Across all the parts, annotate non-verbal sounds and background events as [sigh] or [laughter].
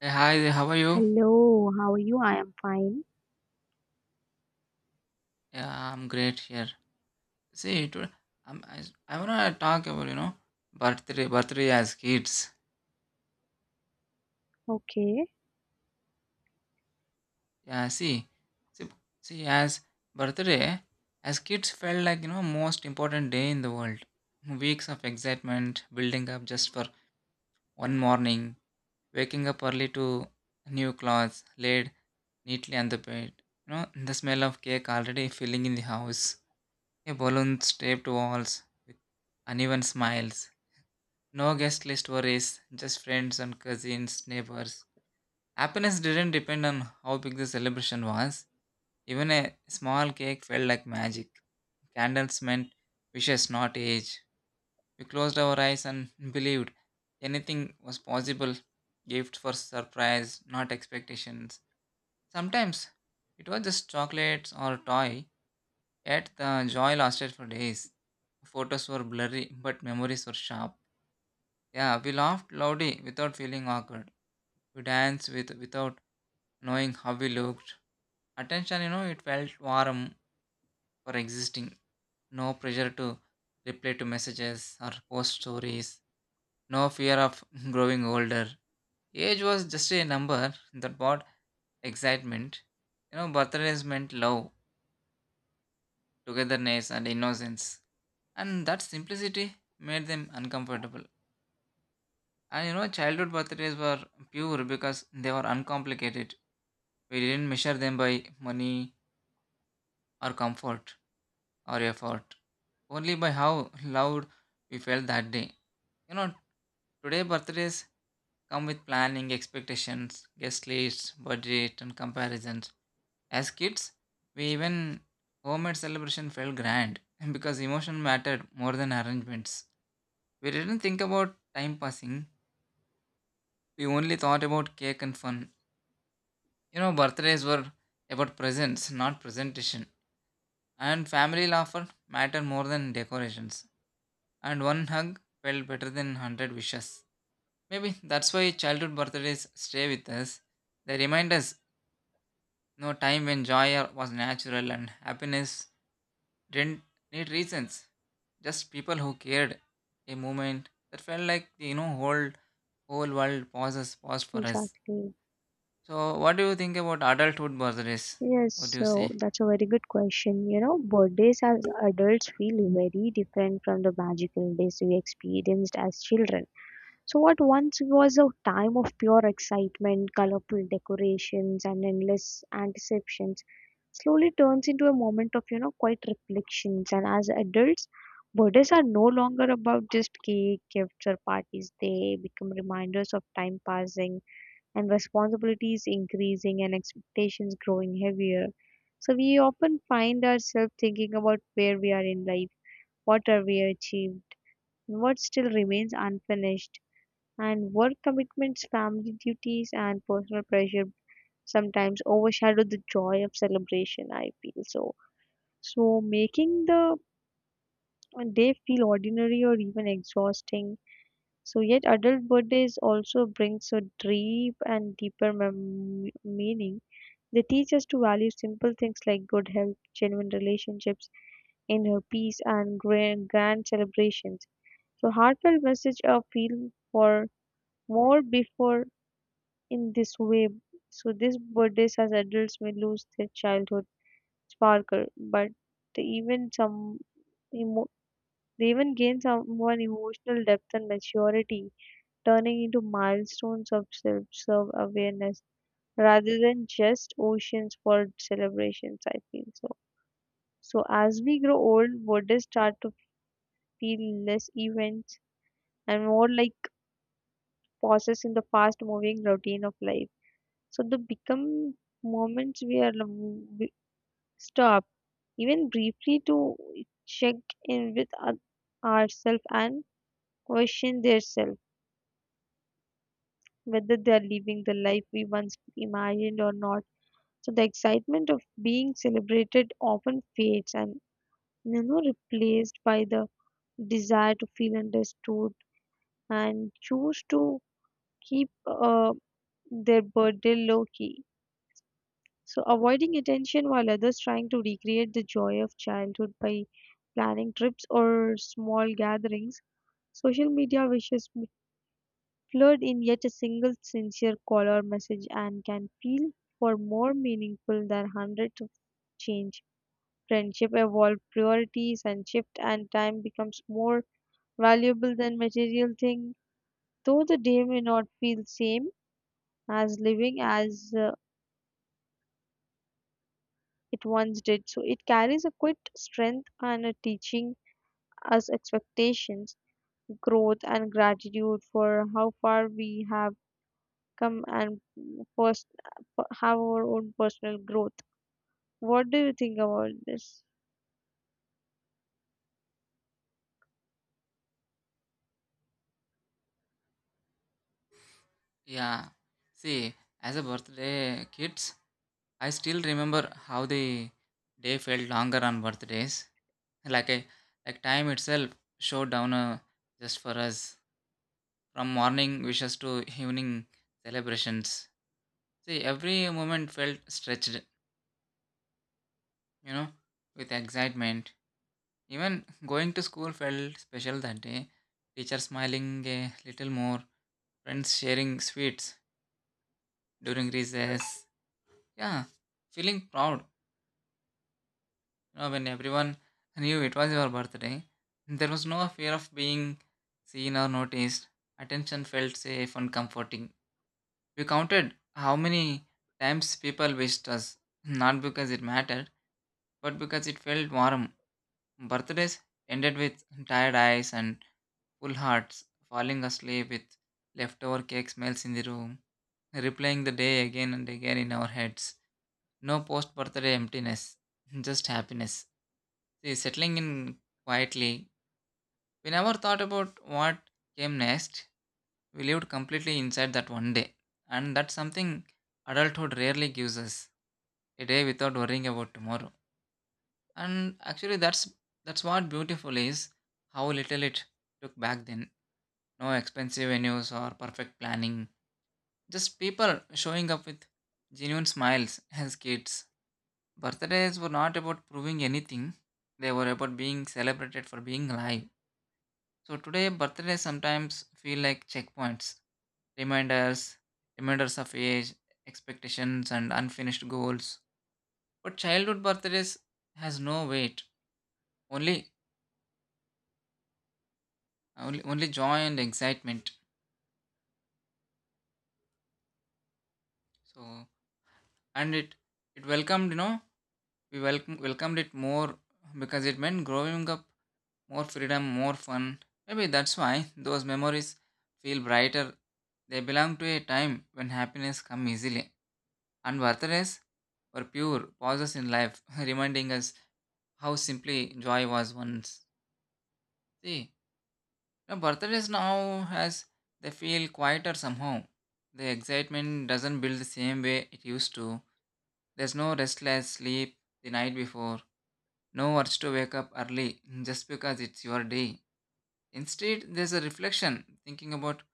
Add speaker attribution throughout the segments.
Speaker 1: Hey, hi there, how are you?
Speaker 2: Hello, how are you? I am fine.
Speaker 1: Yeah, I'm great here. See, today I'm, I, I wanna talk about, you know, birthday as kids.
Speaker 2: Okay,
Speaker 1: Yeah, see, see, as birthday, as kids felt like, you know, most important day in the world. Weeks of excitement building up just for one morning, waking up early to new clothes, laid neatly on the bed. You know, the smell of cake already filling in the house. A balloons taped to walls with uneven smiles. No guest list worries, just friends and cousins, neighbors. Happiness didn't depend on how big the celebration was. Even a small cake felt like magic. Candles meant wishes, not age. We closed our eyes and [laughs] believed anything was possible. Gift for surprise, not expectations. Sometimes it was just chocolates or toy, yet the joy lasted for days. Photos were blurry, but memories were sharp. Yeah, we laughed loudly without feeling awkward. We danced without knowing how we looked. Attention, you know, it felt warm for existing. No pressure to reply to messages or post stories. No fear of [laughs] growing older. Age was just a number that brought excitement. You know, birthdays meant love, togetherness, and innocence. And that simplicity made them uncomfortable. And you know, childhood birthdays were pure because they were uncomplicated. We didn't measure them by money, or comfort or effort, only by how loud we felt that day. You know, today birthdays come with planning, expectations, guest lists, budget, and comparisons. As kids, we even homemade celebration felt grand [laughs] because emotion mattered more than arrangements. We didn't think about time passing, we only thought about cake and fun. You know, birthdays were about presents, not presentation. And family laughter mattered more than decorations. And one hug felt better than 100 wishes. Maybe that's why childhood birthdays stay with us. They remind us no time when joy was natural and happiness didn't need reasons. Just people who cared. A moment that felt like the whole world pauses paused for us.
Speaker 2: exactly.
Speaker 1: So what do you think about adulthood birthdays?
Speaker 2: Yes,
Speaker 1: What do you
Speaker 2: so
Speaker 1: say?
Speaker 2: that's a very good question. You know, birthdays as adults feel very different from the magical days we experienced as children. So, what once was a time of pure excitement, colorful decorations, and endless anticipations slowly turns into a moment of, you know, quiet reflections. And as adults, birthdays are no longer about just cake, gifts, or parties. They become reminders of time passing and responsibilities increasing and expectations growing heavier. So, we often find ourselves thinking about where we are in life, what have we achieved, and what still remains unfinished and work commitments, family duties, and personal pressure sometimes overshadow the joy of celebration, I feel so. So, making the day feel ordinary or even exhausting. So, yet, adult birthdays also bring so deep and deeper mem- meaning. They teach us to value simple things like good health, genuine relationships, inner peace, and grand celebrations. So, heartfelt message of feel for more before in this way. So these birthdays as adults may lose their childhood sparkle, but they even some emo- they even gain someone emotional depth and maturity, turning into milestones of self-serve awareness rather than just oceans for celebrations. I feel so. So as we grow old, birthdays start to feel less events and more like pauses in the fast-moving routine of life. So they become moments we are stop even briefly to check in with ourselves and question themselves whether they are living the life we once imagined or not. So the excitement of being celebrated often fades and you know replaced by the desire to feel understood and choose to keep their burden low key. So, avoiding attention while others trying to recreate the joy of childhood by planning trips or small gatherings, social media wishes blurred in yet a single sincere call or message and can feel for more meaningful than hundreds of change. Friendship evolve priorities and shift and time becomes more valuable than material thing. Though the day may not feel same as living as it once did. So it carries a quite strength and a teaching us expectations, growth, and gratitude for how far we have come and first have our own personal growth. What do you think about this?
Speaker 1: Yeah. See, as a birthday kids, I still remember how the day felt longer on birthdays. Like a like time itself showed down just for us, from morning wishes to evening celebrations. See, every moment felt stretched, you know, with excitement. Even going to school felt special that day, teacher smiling a little more, friends sharing sweets during recess. Yeah, feeling proud, you know, when everyone knew it was your birthday. There was no fear of being seen or noticed. Attention felt safe and comforting. We counted how many times people wished us, not because it mattered, but because it felt warm. Birthdays ended with tired eyes and full hearts, falling asleep with leftover cake smells in the room, replaying the day again and again in our heads. No post birthday emptiness, just happiness. See, settling in quietly, we never thought about what came next. We lived completely inside that one day, and that's something adulthood rarely gives us, a day without worrying about tomorrow. And actually, that's what beautiful is, how little it took back then. No expensive venues or perfect planning, just people showing up with genuine smiles. As kids, birthdays were not about proving anything; they were about being celebrated for being alive. So today, birthdays sometimes feel like checkpoints, reminders, reminders of age, expectations, and unfinished goals. But childhood birthdays has no weight, only only joy and excitement. So and it welcomed, you know, we welcomed it more because it meant growing up, more freedom, more fun. Maybe that's why those memories feel brighter. They belong to a time when happiness come easily. And birthdays were pure pauses in life, [laughs] reminding us how simply joy was once. See, the birthdays now has they feel quieter somehow. The excitement doesn't build the same way it used to. There's no restless sleep the night before, no urge to wake up early just because it's your day. Instead, there's a reflection, thinking about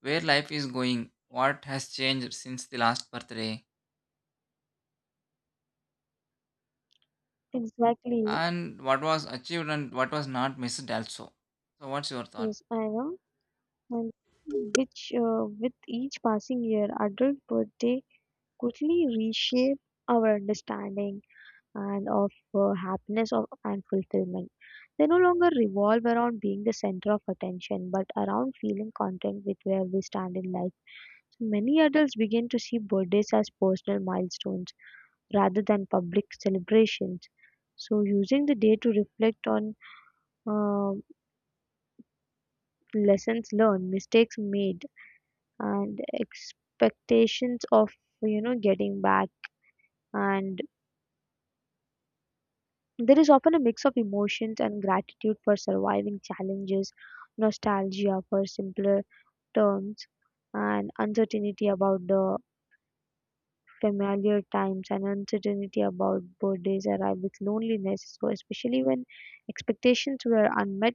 Speaker 1: where life is going, what has changed since the last birthday,
Speaker 2: Exactly,
Speaker 1: and what was achieved and what was not missed also. So, what's your thought?
Speaker 2: yes, I know. And which, with each passing year, adulthood, they quickly reshape our understanding. And of happiness of, and fulfillment. They no longer revolve around being the center of attention, but around feeling content with where we stand in life. So many adults begin to see birthdays as personal milestones rather than public celebrations. So, using the day to reflect on uh, lessons learned, mistakes made, and expectations of you know getting back and there is often a mix of emotions and gratitude for surviving challenges, nostalgia for simpler terms, and uncertainty about the familiar times and uncertainty about birthdays arrive with loneliness, so especially when expectations were unmet,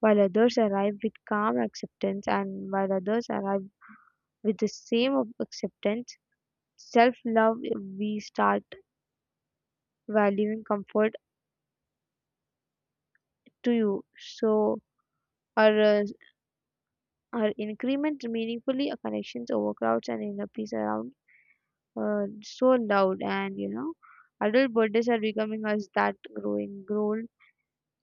Speaker 2: while others arrive with calm acceptance and while others arrive with the acceptance, self love we start valuing comfort to you. So or uh, or increment meaningfully collections overcrowds and inappease around so loud and you know adult birthdays are becoming as that growing grown.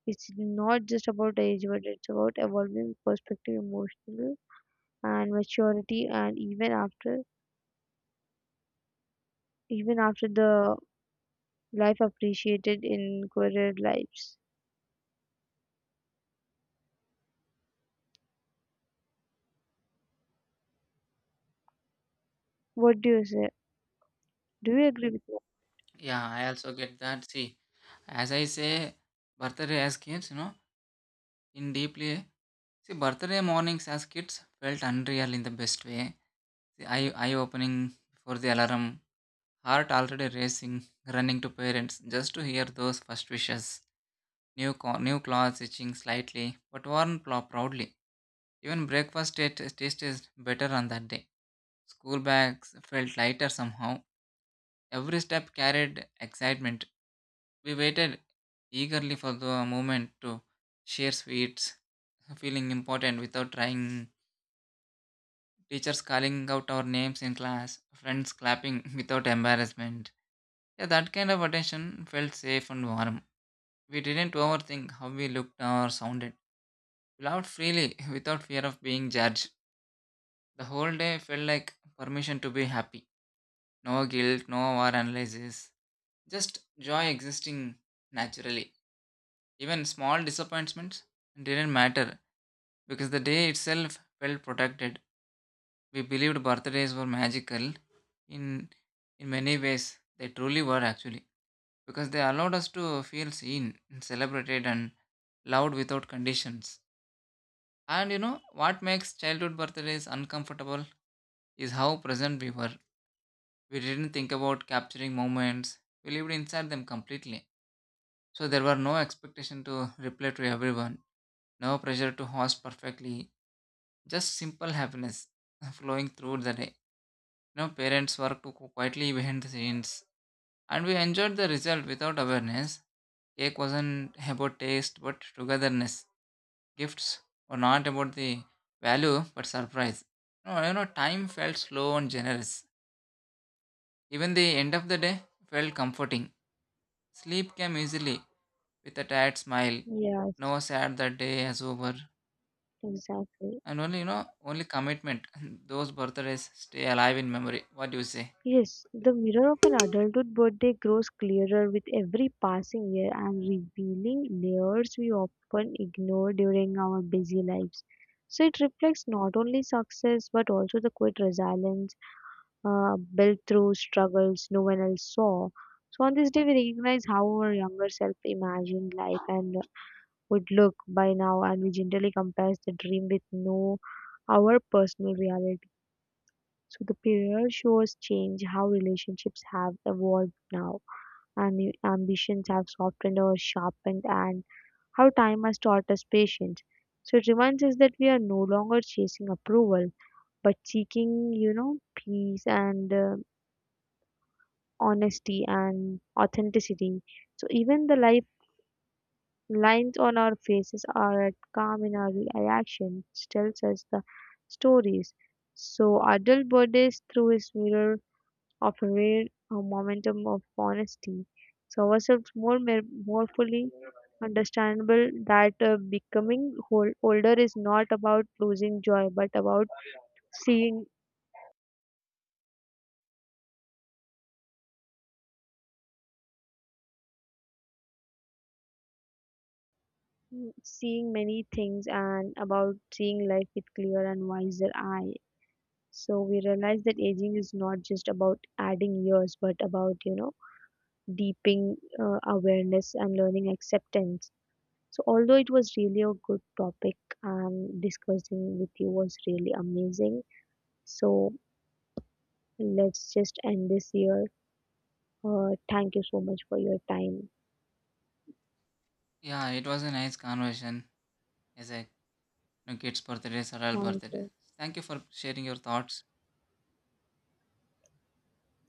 Speaker 2: It's not just about age but it's about evolving perspective emotional and maturity and even after the life appreciated in career lives. What do you say? Do you agree with me?
Speaker 1: Yeah, I also get that. See, as I say, birthday as kids, you know, in deeply, see, birthday mornings as kids felt unreal in the best way. The eye opening before the alarm, heart already racing, running to parents just to hear those first wishes. New clothes itching slightly, but worn proudly. Even breakfast tasted better on that day. School bags felt lighter somehow. Every step carried excitement. We waited eagerly for the moment to share sweets, feeling important without trying, teachers calling out our names in class, friends clapping [laughs] without embarrassment. Yeah, that kind of attention felt safe and warm. We didn't overthink how we looked or sounded. We laughed freely [laughs] without fear of being judged. The whole day felt like permission to be happy. No guilt, no over. Just joy existing naturally. Even small disappointments didn't matter because the day itself felt protected. We believed birthdays were magical, in in many ways they truly were actually, because they allowed us to feel seen, celebrated and loved without conditions. And you know what makes childhood birthdays uncomfortable is how present we were. We didn't think about capturing moments. We lived inside them completely. So there were no expectation to reply to everyone, no pressure to host perfectly, just simple happiness [laughs] flowing through the day. You know, parents worked quietly behind the scenes, and we enjoyed the result without awareness. Cake wasn't about taste but togetherness. Gifts were not about the value but surprise. No, you know, time felt slow and generous. Even the end of the day felt comforting. Sleep came easily with a tired smile.
Speaker 2: Yes,
Speaker 1: No sad that day is over.
Speaker 2: exactly.
Speaker 1: And only, you know, only commitment. [laughs] Those birthdays stay alive in memory. What do you say?
Speaker 2: Yes, the mirror of an adulthood birthday grows clearer with every passing year and revealing layers we often ignore during our busy lives. So it reflects not only success but also the quiet resilience built through struggles no one else saw. So on this day, we recognize how our younger self imagined life and would look by now, and we generally compare the dream with no our personal reality. So the period shows change, how relationships have evolved now, and new ambitions have softened or sharpened, and how time has taught us patience. So it reminds us that we are no longer chasing approval, but seeking, you know, peace and honesty and authenticity. So even the life lines on our faces are at calm in our reaction, tells us the stories. So adult birthdays through his mirror often wear a momentum of honesty. So ourselves more fully understandable that becoming whole, older is not about losing joy, but about seeing seeing many things and about seeing life with clear and wiser eye. So we realize that aging is not just about adding years, but about you know deeping awareness and learning acceptance. So, although it was really a good topic and discussing with you was really amazing. So, let's just end this here. Thank you so much for your time.
Speaker 1: Yeah, it was a nice conversation. As a you know, kids' birthdays or all
Speaker 2: Thank
Speaker 1: birthdays.
Speaker 2: you.
Speaker 1: Thank you for sharing your thoughts.